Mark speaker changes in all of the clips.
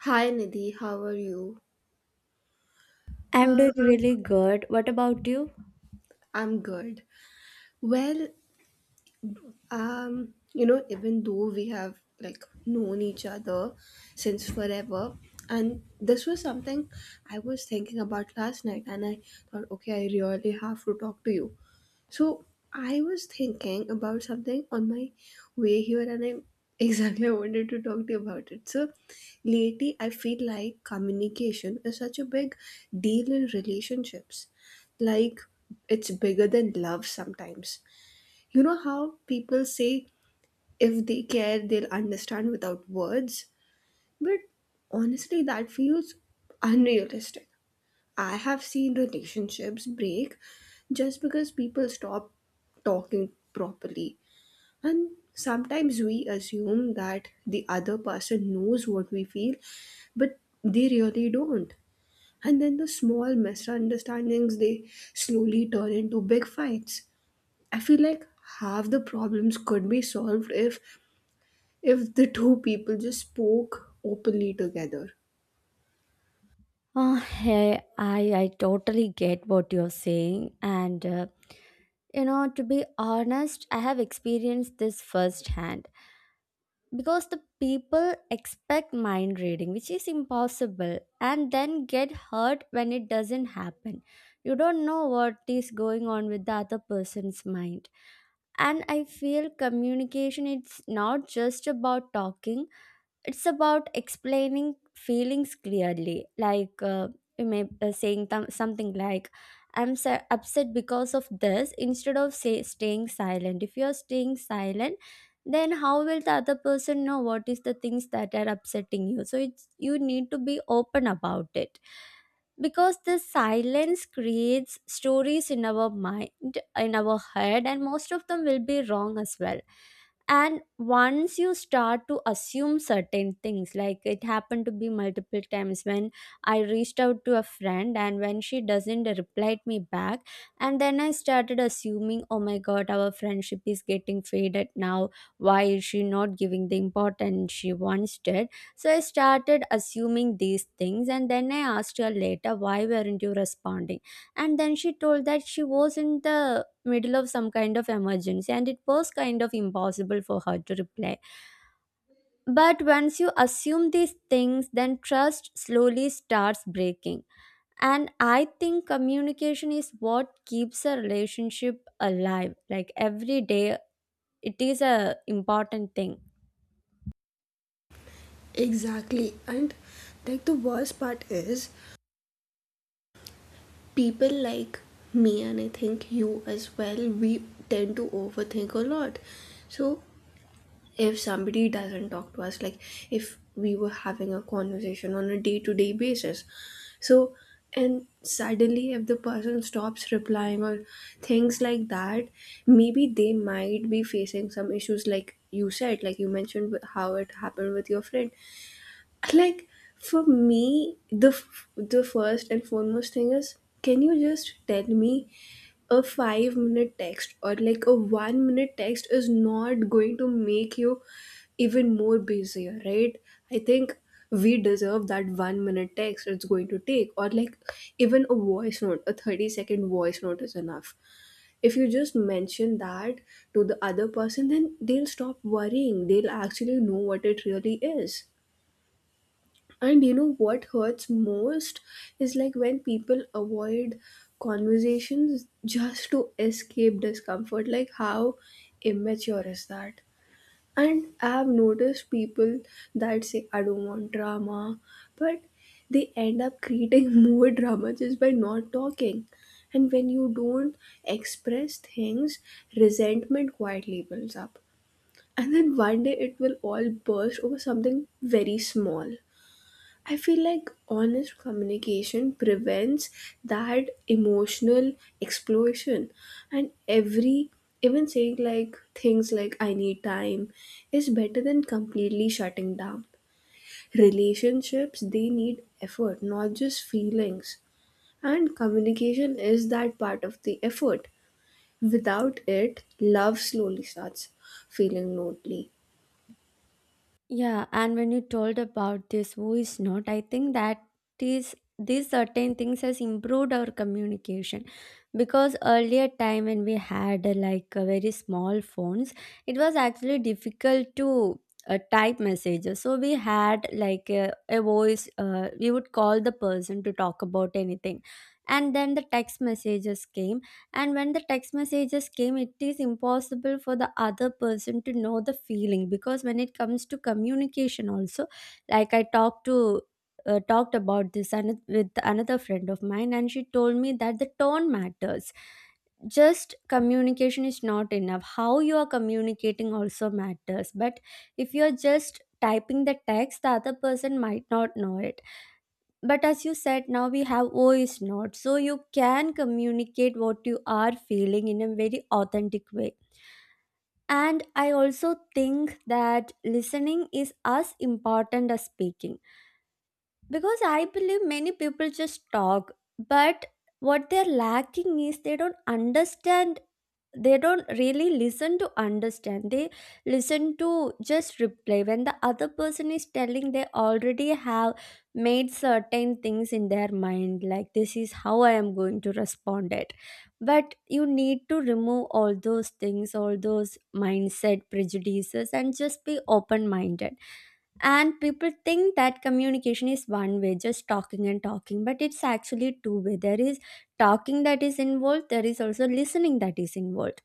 Speaker 1: Hi Nidhi, how are you?
Speaker 2: I'm
Speaker 1: Uh,
Speaker 2: doing really good. What about you?
Speaker 1: I'm good. Well, even though we have like known each other since forever, and this was something I was thinking about last night, and I thought, okay, I really have to talk to you. So I was thinking about something on my way here, and I exactly I wanted to talk to you about it. So lately, I feel like communication is such a big deal in relationships. Like it's bigger than love sometimes. You know how people say if they care, they'll understand without words, but honestly, that feels unrealistic. I have seen relationships break just because people stop talking properly. And sometimes we assume that the other person knows what we feel, but they really don't. And then the small misunderstandings, they slowly turn into big fights. I feel like half the problems could be solved if the two people just spoke openly together.
Speaker 2: Oh, hey, I totally get what you're saying. And you know, to be honest, I have experienced this firsthand because the people expect mind reading, which is impossible, and then get hurt when it doesn't happen. You don't know what is going on with the other person's mind. And I feel communication, it's not just about talking, it's about explaining feelings clearly, like you may saying something like I'm upset because of this, instead of say staying silent. If you're staying silent, then how will the other person know what is the things that are upsetting you? So it's, you need to be open about it, because the silence creates stories in our mind, in our head, and most of them will be wrong as well. And once you start to assume certain things, like it happened to be multiple times when I reached out to a friend and when she doesn't reply me back, and then I started assuming, oh my god, our friendship is getting faded now, why is she not giving the importance she once did? So I started assuming these things, and then I asked her later, why weren't you responding? And then she told that she was in the middle of some kind of emergency and it was kind of impossible for her to reply. But once you assume these things, then trust slowly starts breaking. And I think communication is what keeps a relationship alive, like every day it is a important thing.
Speaker 1: Exactly. And like the worst part is, people like me and I think you as well, we tend to overthink a lot. So if somebody doesn't talk to us, like if we were having a conversation on a day-to-day basis, so and suddenly if the person stops replying or things like that, maybe they might be facing some issues like you said, like you mentioned with- how it happened with your friend. Like for me, the first and foremost thing is, can you just tell me? A 5-minute text or like a 1 minute text is not going to make you even more busier, right? I think we deserve that 1 minute text. It's going to take, or like even a voice note, a 30-second voice note is enough. If you just mention that to the other person, then they'll stop worrying, they'll actually know what it really is. And you know what hurts most is like when people avoid conversations just to escape discomfort. Like, how immature is that? And I've noticed people that say, I don't want drama, but they end up creating more drama just by not talking. And when you don't express things, resentment quietly builds up. And then one day it will all burst over something very small. I feel like honest communication prevents that emotional explosion. And every, even saying like things like I need time is better than completely shutting down. Relationships, they need effort, not just feelings. And communication is that part of the effort. Without it, love slowly starts feeling lonely.
Speaker 2: Yeah, and when you told about this voice note, I think that is, these certain things has improved our communication, because earlier time when we had like very small phones, it was actually difficult to type messages, so we had like a voice, we would call the person to talk about anything. And then the text messages came, and when the text messages came, it is impossible for the other person to know the feeling, because when it comes to communication also, like I talked to, talked about this with another friend of mine, and she told me that the tone matters. Just communication is not enough. How you are communicating also matters. But if you are just typing the text, the other person might not know it. But as you said, now we have voice notes, so you can communicate what you are feeling in a very authentic way. And I also think that listening is as important as speaking, because I believe many people just talk, but what they're lacking is, they don't understand. They don't really listen to understand. They listen to just reply. When the other person is telling, they already have made certain things in their mind, like this is how I am going to respond it. But you need to remove all those things, all those mindset prejudices, and just be open minded. And people think that communication is one way, just talking and talking, but it's actually two way. There is talking that is involved, there is also listening that is involved.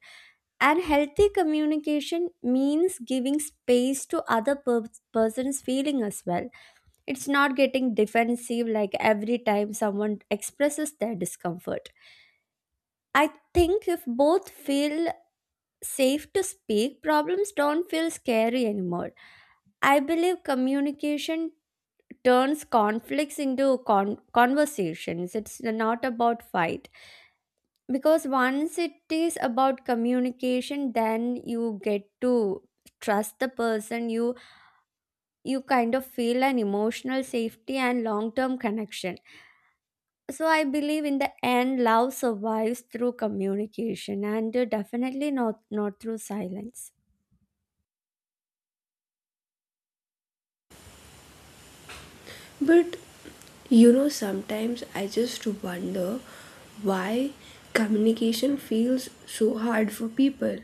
Speaker 2: And healthy communication means giving space to other person's feeling as well. It's not getting defensive, like every time someone expresses their discomfort. I think if both feel safe to speak, problems don't feel scary anymore. I believe communication turns conflicts into conversations. It's not about fight, because once it is about communication, then you get to trust the person. You kind of feel an emotional safety and long term connection. So I believe, in the end, love survives through communication and definitely not through silence.
Speaker 1: But you know, sometimes I just wonder why communication feels so hard for people.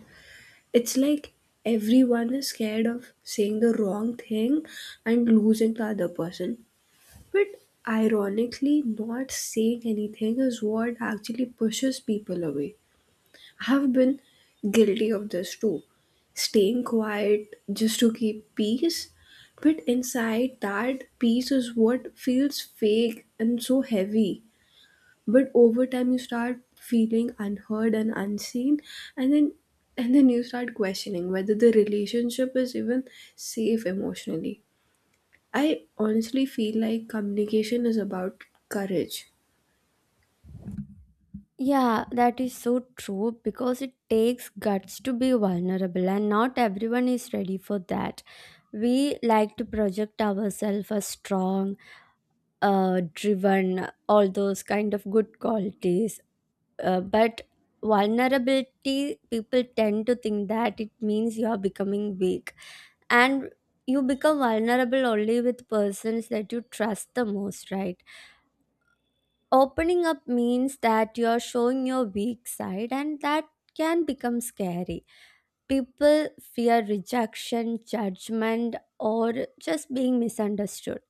Speaker 1: It's like everyone is scared of saying the wrong thing and losing the other person. But ironically, not saying anything is what actually pushes people away. Have been guilty of this too. Staying quiet just to keep peace, but inside that peace is what feels fake and so heavy. But over time you start feeling unheard and unseen, and then and then you start questioning whether the relationship is even safe emotionally. I honestly feel like communication is about courage.
Speaker 2: Yeah, that is so true, because it takes guts to be vulnerable, and not everyone is ready for that. We like to project ourselves as strong, driven, all those kind of good qualities. But vulnerability, people tend to think that it means you are becoming weak, and you become vulnerable only with persons that you trust the most, right? Opening up means that you're showing your weak side, and that can become scary. People fear rejection, judgment, or just being misunderstood.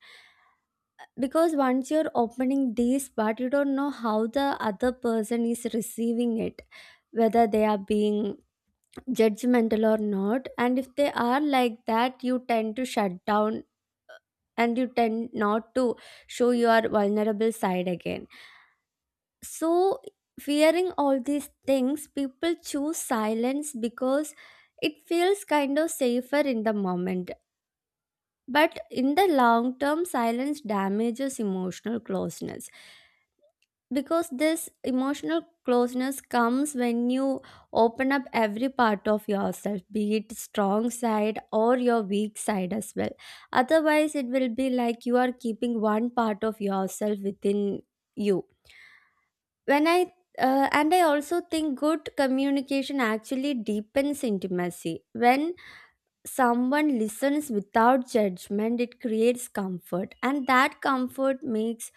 Speaker 2: Because once you're opening this, but you don't know how the other person is receiving it, whether they are being judgmental or not. And if they are like that, you tend to shut down, and you tend not to show your vulnerable side again. So, fearing all these things, people choose silence because it feels kind of safer in the moment. But in the long term, silence damages emotional closeness, because this emotional closeness comes when you open up every part of yourself, be it strong side or your weak side as well. Otherwise it will be like you are keeping one part of yourself within you. When i uh, and i also think good communication actually deepens intimacy. When someone listens without judgment, it creates comfort, and that comfort makes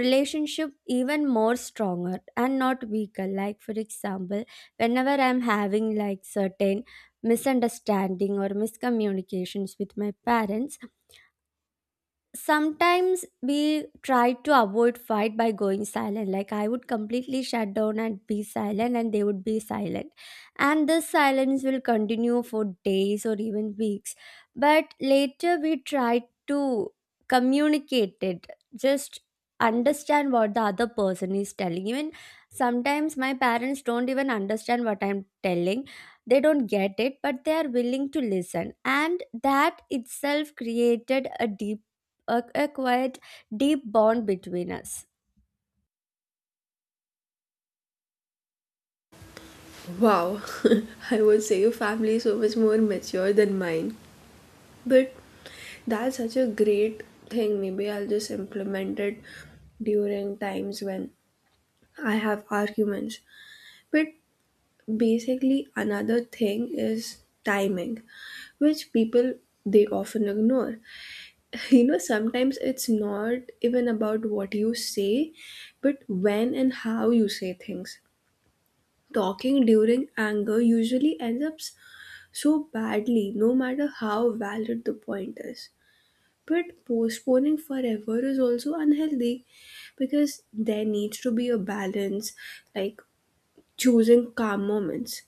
Speaker 2: relationship even more stronger and not weaker. Like for example, whenever I'm having like certain misunderstanding or miscommunications with my parents, sometimes we try to avoid fight by going silent, like I would completely shut down and be silent, and they would be silent, and this silence will continue for days or even weeks. But later we try to communicate it, just understand what the other person is telling. Even sometimes my parents don't even understand what I'm telling, they don't get it, but they are willing to listen, and that itself created a deep, a quite deep bond between us.
Speaker 1: Wow, I would say your family is so much more mature than mine. But that's such a great thing. Maybe I'll just implement it during times when I have arguments. But basically, another thing is timing, which people they often ignore. You know, sometimes it's not even about what you say, but when and how you say things. Talking during anger usually ends up s- so badly, no matter how valid the point is. But postponing forever is also unhealthy because there needs to be a balance, like choosing calm moments.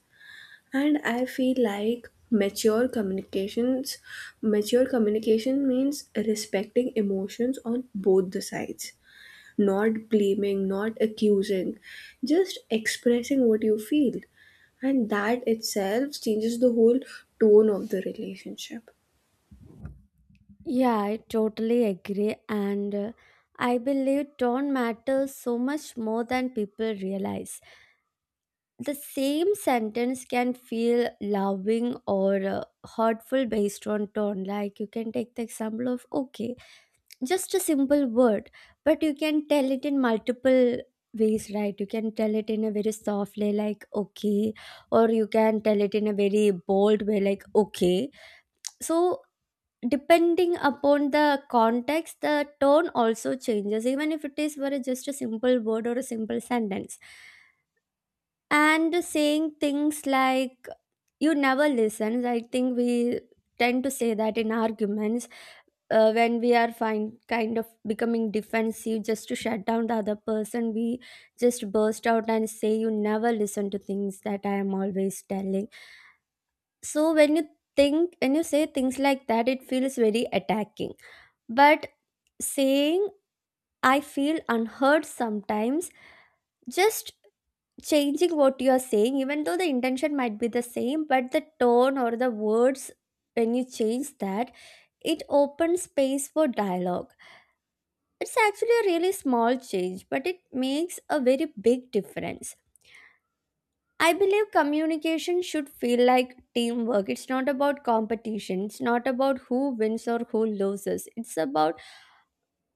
Speaker 1: And I feel like mature communication means respecting emotions on both the sides, not blaming, not accusing, just expressing what you feel, and that itself changes the whole tone of the relationship.
Speaker 2: Yeah, I totally agree. And I believe tone matters so much more than people realize. The same sentence can feel loving or hurtful based on tone. Like you can take the example of, okay, just a simple word, but you can tell it in multiple ways, right? You can tell it in a very softly, like, okay, or you can tell it in a very bold way, like, okay. So, depending upon the context, the tone also changes, even if it is for just a simple word or a simple sentence. And saying things like, you never listen, I think we tend to say that in arguments, when we are find, kind of becoming defensive, just to shut down the other person, we just burst out and say, you never listen to things that I am always telling. So when you think, when you say things like that, it feels very attacking. But saying, I feel unheard sometimes, just changing what you are saying, even though the intention might be the same, but the tone or the words, when you change that, it opens space for dialogue. It's actually a really small change, but it makes a very big difference. I believe communication should feel like teamwork. It's not about competition. It's not about who wins or who loses. It's about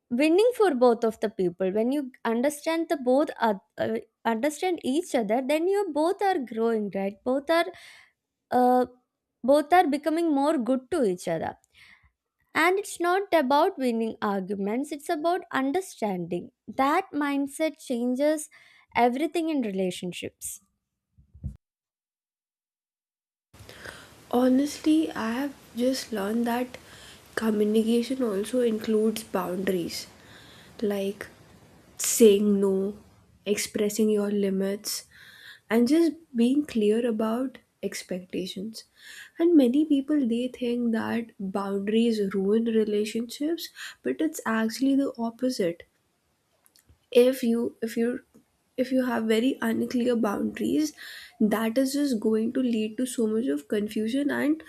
Speaker 2: winning for both of the people. When you understand the both understand each other, then you both are growing, right? Both are, uh, both are becoming more good to each other. And it's not about winning arguments, it's about understanding that mindset changes everything in relationships.
Speaker 1: Honestly, I have just learned that communication also includes boundaries, like saying no, expressing your limits, and just being clear about expectations. And many people, they think that boundaries ruin relationships, but it's actually the opposite. If you if you if you have very unclear boundaries, that is just going to lead to so much of confusion and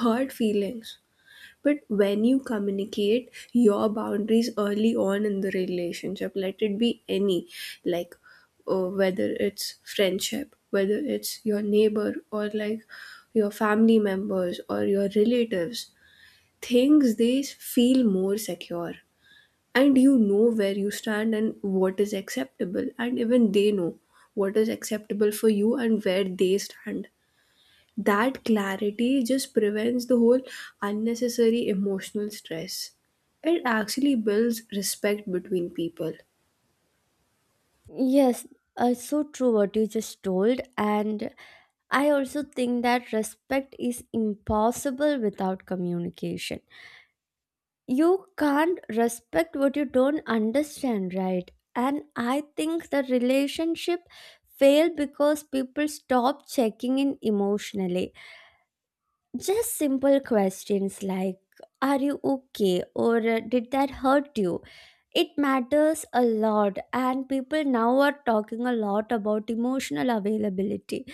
Speaker 1: hurt feelings. But when you communicate your boundaries early on in the relationship, let it be any, like whether it's friendship, whether it's your neighbor, or like your family members or your relatives, things, they feel more secure. And you know where you stand and what is acceptable, and even they know what is acceptable for you and where they stand. That clarity just prevents the whole unnecessary emotional stress. It actually builds respect between people.
Speaker 2: Yes, so true what you just told. And I also think that respect is impossible without communication. You can't respect what you don't understand, right? And I think the relationship failed because people stop checking in emotionally. Just simple questions like, are you okay, or did that hurt you, it matters a lot. And people now are talking a lot about emotional availability,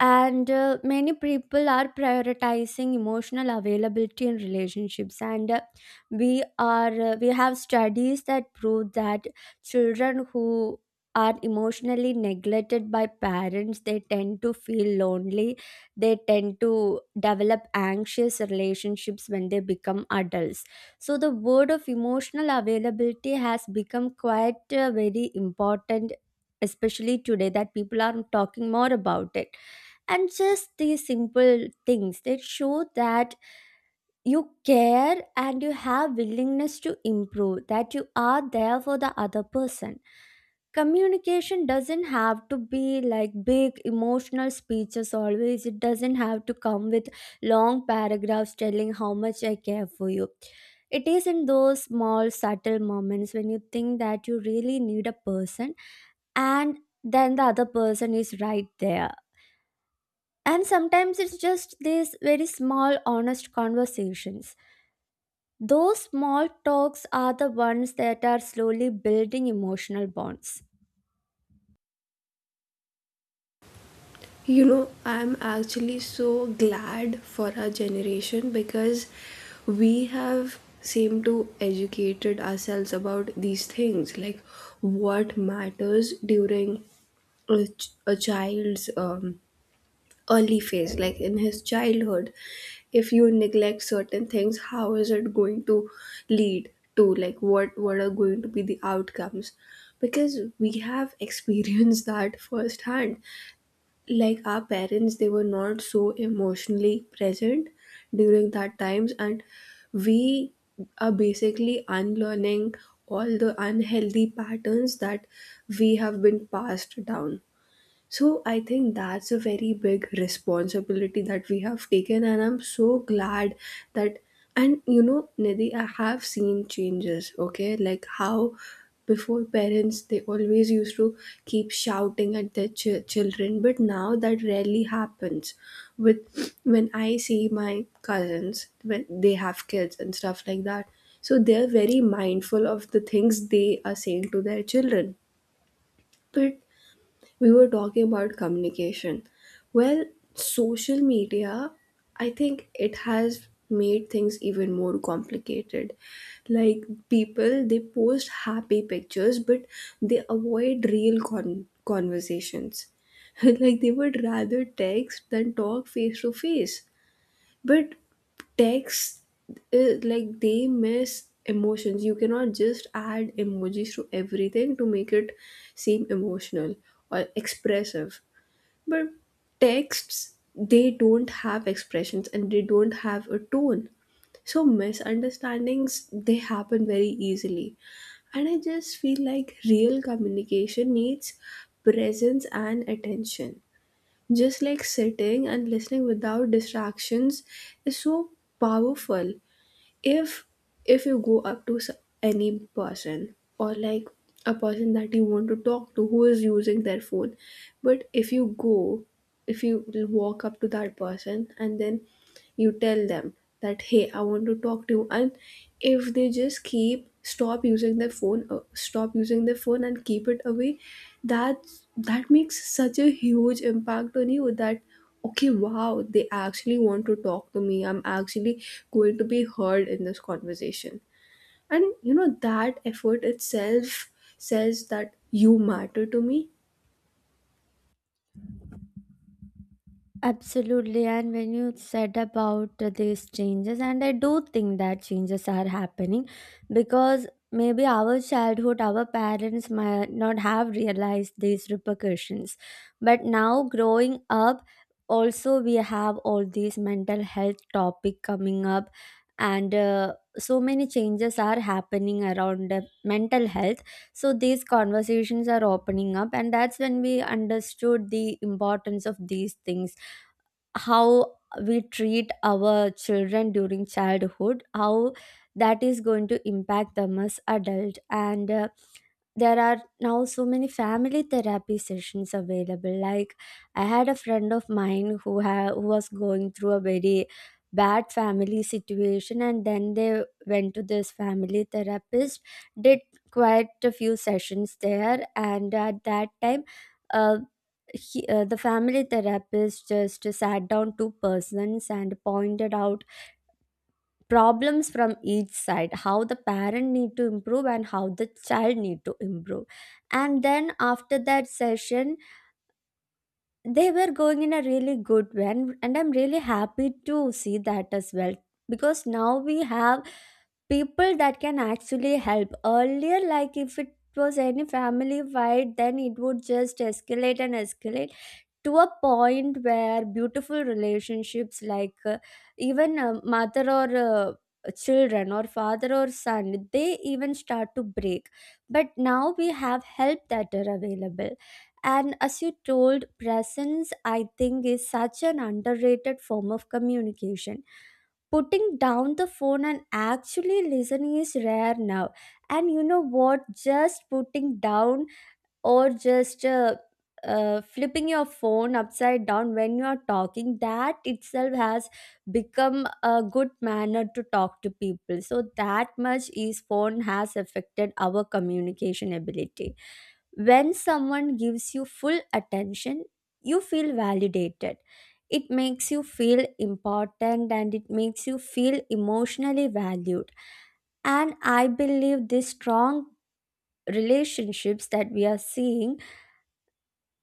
Speaker 2: and many people are prioritizing emotional availability in relationships. And we have studies that prove that children who are emotionally neglected by parents, they tend to feel lonely, they tend to develop anxious relationships when they become adults. So the word of emotional availability has become quite very important, especially today, that people are talking more about it. And just these simple things that show that you care and you have willingness to improve, that you are there for the other person. Communication doesn't have to be like big emotional speeches always. It doesn't have to come with long paragraphs telling how much I care for you. It is in those small subtle moments when you think that you really need a person, and then the other person is right there. And sometimes it's just these very small, honest conversations. Those small talks are the ones that are slowly building emotional bonds.
Speaker 1: You know, I'm actually so glad for our generation because we have seemed to educated ourselves about these things, like what matters during a child's early phase, like in his childhood. If you neglect certain things, how is it going to lead to, like, what are going to be the outcomes? Because we have experienced that firsthand. Like our parents, they were not so emotionally present during that times. And we are basically unlearning all the unhealthy patterns that we have been passed down. So I think that's a very big responsibility that we have taken, and I'm so glad that. And you know, Nidhi, I have seen changes. Okay, like how before parents, they always used to keep shouting at their ch- children, but now that rarely happens. With when I see my cousins when they have kids and stuff like that, so they're very mindful of the things they are saying to their children. But we were talking about communication. Well, social media, I think it has made things even more complicated. Like people, they post happy pictures, but they avoid real con- conversations. Like they would rather text than talk face to face. But text, like they miss emotions. You cannot just add emojis to everything to make it seem emotional or expressive. But texts, they don't have expressions and they don't have a tone, so misunderstandings, they happen very easily. And I just feel like real communication needs presence and attention, just like sitting and listening without distractions is so powerful. if if you go up to s- any person, or like a person that you want to talk to who is using their phone, but if you go, if you walk up to that person and then you tell them that, hey, I want to talk to you, and if they just keep stop using their phone and keep it away, that, that makes such a huge impact on you. That okay, wow, they actually want to talk to me. I'm actually going to be heard in this conversation. And you know, that effort itself says that you matter to me.
Speaker 2: Absolutely, and when you said about these changes, and I do think that changes are happening, because maybe our childhood, our parents might not have realized these repercussions. But now, growing up, also we have all these mental health topic coming up, and so many changes are happening around the mental health. So these conversations are opening up, and that's when we understood the importance of these things, how we treat our children during childhood, how that is going to impact them as adult. And There are now so many family therapy sessions available. Like, I had a friend of mine who was going through a very bad family situation, and then they went to this family therapist, did quite a few sessions there, and at that time uh, the family therapist just sat down two persons and pointed out problems from each side, how the parent need to improve and how the child need to improve. And then after that session they were going in a really good way, and I'm really happy to see that as well, because now we have people that can actually help earlier. Like, if it was any family fight, then it would just escalate and escalate to a point where beautiful relationships, like even mother or children or father or son, they even start to break. But now we have help that are available. And as you told, presence, I think, is such an underrated form of communication. Putting down the phone and actually listening is rare now. And you know what, just putting down or just flipping your phone upside down when you are talking, that itself has become a good manner to talk to people. So that much is phone has affected our communication ability. When someone gives you full attention, you feel validated. It makes you feel important and it makes you feel emotionally valued. And I believe these strong relationships that we are seeing,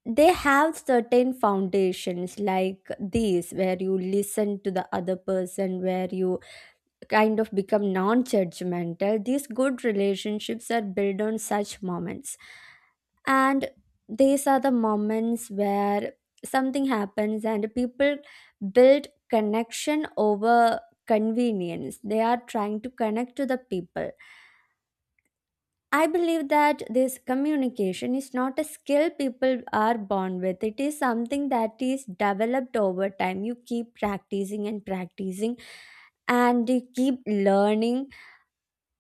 Speaker 2: they have certain foundations like these, where you listen to the other person, where you kind of become non-judgmental. These good relationships are built on such moments. And these are the moments where something happens and people build connection over convenience. They are trying to connect to the people. I believe that this communication is not a skill people are born with. It is something that is developed over time. You keep practicing and practicing and you keep learning.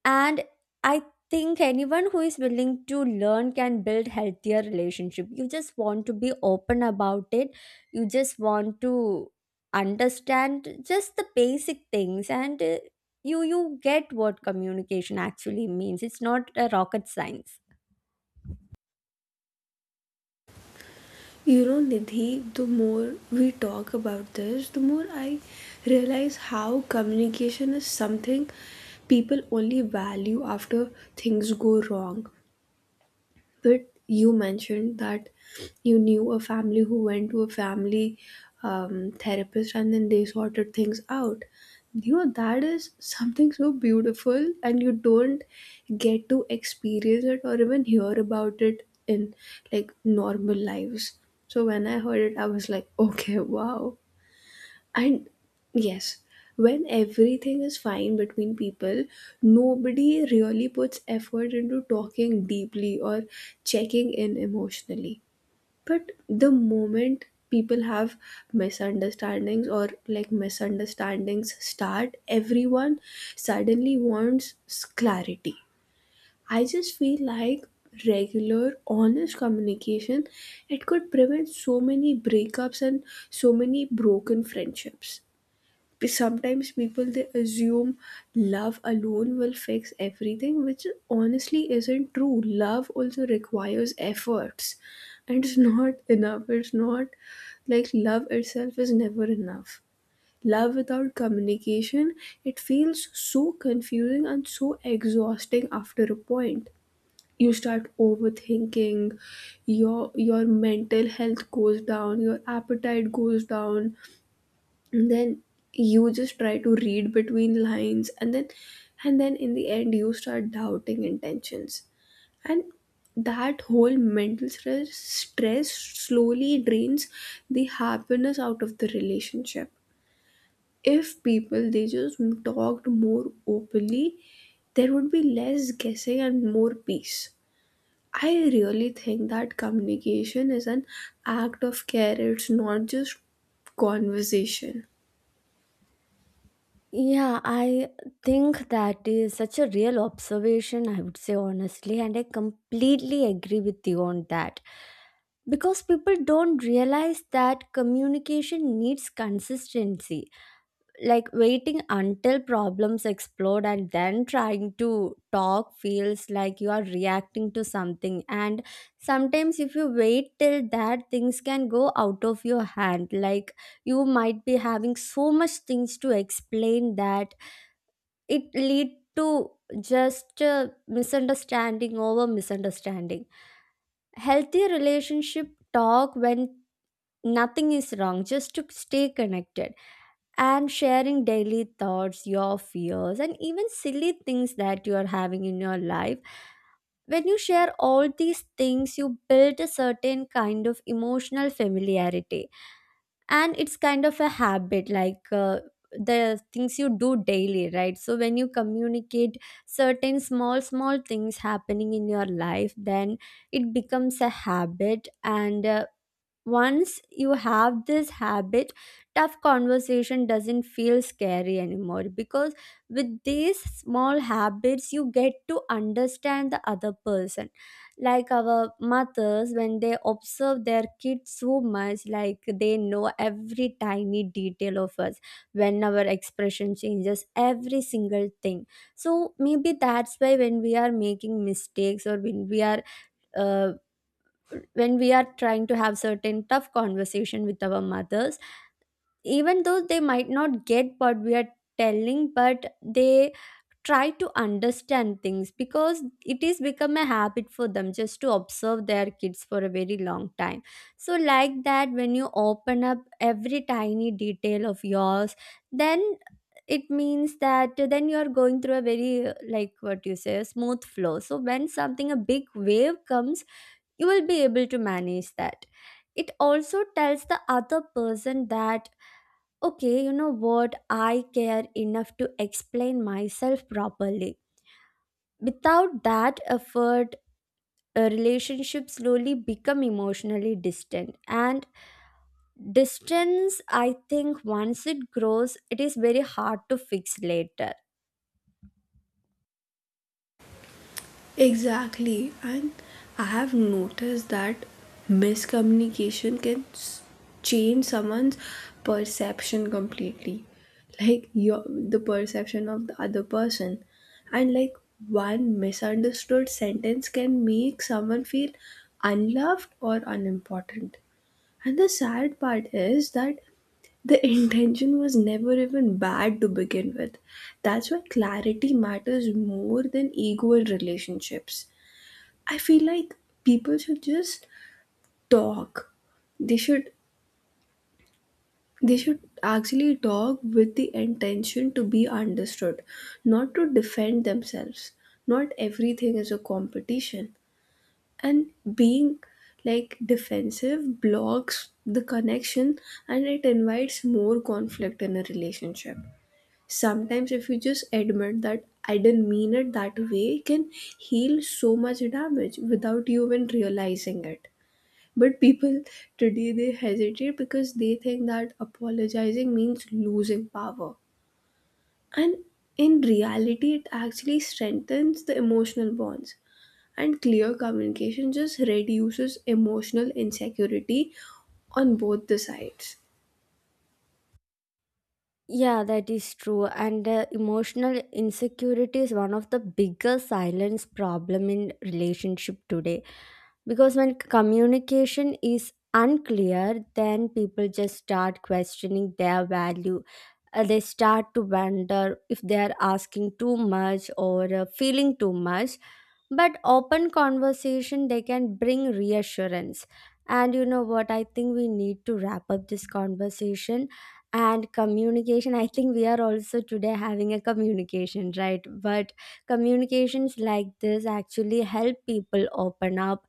Speaker 2: And I think anyone who is willing to learn can build healthier relationship. You just want to be open about it. You just want to understand just the basic things, and you get what communication actually means. It's not a rocket science.
Speaker 1: You know, Nidhi, the more we talk about this, the more I realize how communication is something people only value after things go wrong. But you mentioned that you knew a family who went to a family therapist, and then they sorted things out. You know, that is something so beautiful, and you don't get to experience it or even hear about it in like normal lives. So when I heard it, I was like, okay, wow. And yes, when everything is fine between people, nobody really puts effort into talking deeply or checking in emotionally. But the moment people have misunderstandings, or like misunderstandings start, everyone suddenly wants s- clarity. I just feel like regular, honest communication, it could prevent so many breakups and so many broken friendships. Sometimes people, they assume love alone will fix everything, which honestly isn't true. Love also requires efforts, and it's not enough. It's not like love itself is never enough. Love without communication, it feels so confusing and so exhausting. After a point, you start overthinking. Your mental health goes down, your appetite goes down, and then you just try to read between lines, and then, and then in the end you start doubting intentions. And that whole mental stress slowly drains the happiness out of the relationship. If people, they just talked more openly, there would be less guessing and more peace. I really think that communication is an act of care. It's not just conversation.
Speaker 2: Yeah, I think that is such a real observation, I would say honestly, and I completely agree with you on that. Because people don't realize that communication needs consistency. Like, waiting until problems explode and then trying to talk feels like you are reacting to something. And sometimes if you wait till that, things can go out of your hand. Like, you might be having so much things to explain that it lead to just misunderstanding over misunderstanding. Healthy relationship talk when nothing is wrong, just to stay connected, and sharing daily thoughts, your fears, and even silly things that you are having in your life. When you share all these things, you build a certain kind of emotional familiarity. And it's kind of a habit, the things you do daily, right? So when you communicate certain small small things happening in your life, then it becomes a habit. And Once you have this habit, tough conversation doesn't feel scary anymore, because with these small habits you get to understand the other person. Like our mothers, when they observe their kids so much, like they know every tiny detail of us, when our expression changes, every single thing. So maybe that's why when we are making mistakes or uh, when we are trying to have certain tough conversation with our mothers, even though they might not get what we are telling, but they try to understand things, because it is become a habit for them just to observe their kids for a very long time. So like that, when you open up every tiny detail of yours, then it means that then you are going through a very like what you say, a smooth flow. So when something, a big wave comes, you will be able to manage that. It also tells the other person that, okay, you know what, I care enough to explain myself properly. Without that effort, a relationship slowly become emotionally distant. And distance, I think, once it grows, it is very hard to fix later.
Speaker 1: Exactly, and I have noticed that miscommunication can s- change someone's perception completely, like your, the perception of the other person, and like one misunderstood sentence can make someone feel unloved or unimportant. And the sad part is that the intention was never even bad to begin with. That's why clarity matters more than ego in relationships. I feel like people should just talk. They should they should actually talk with the intention to be understood, not to defend themselves. Not everything is a competition. And being like defensive blocks the connection, and it invites more conflict in a relationship. Sometimes if you just admit that I didn't mean it that way, it can heal so much damage without you even realizing it. But people today, they hesitate because they think that apologizing means losing power. And in reality, it actually strengthens the emotional bonds. And clear communication just reduces emotional insecurity on both the sides.
Speaker 2: Yeah, that is true. And emotional insecurity is one of the biggest silence problem in relationship today. Because when communication is unclear, then people just start questioning their value. They start to wonder if they are asking too much or feeling too much. But open conversation, they can bring reassurance. And you know what? I think we need to wrap up this conversation and communication. I think we are also today having a communication, right? But communications like this actually help people open up,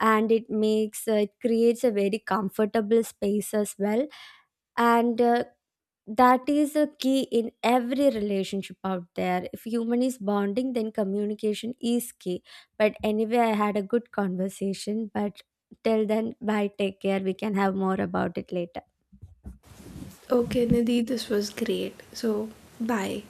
Speaker 2: and it makes it creates a very comfortable space as well. And That is a key in every relationship out there. If human is bonding, then communication is key. But anyway, I had a good conversation. But till then, bye, take care, we can have more about it later.
Speaker 1: Okay, Nidhi, this was great. So, bye.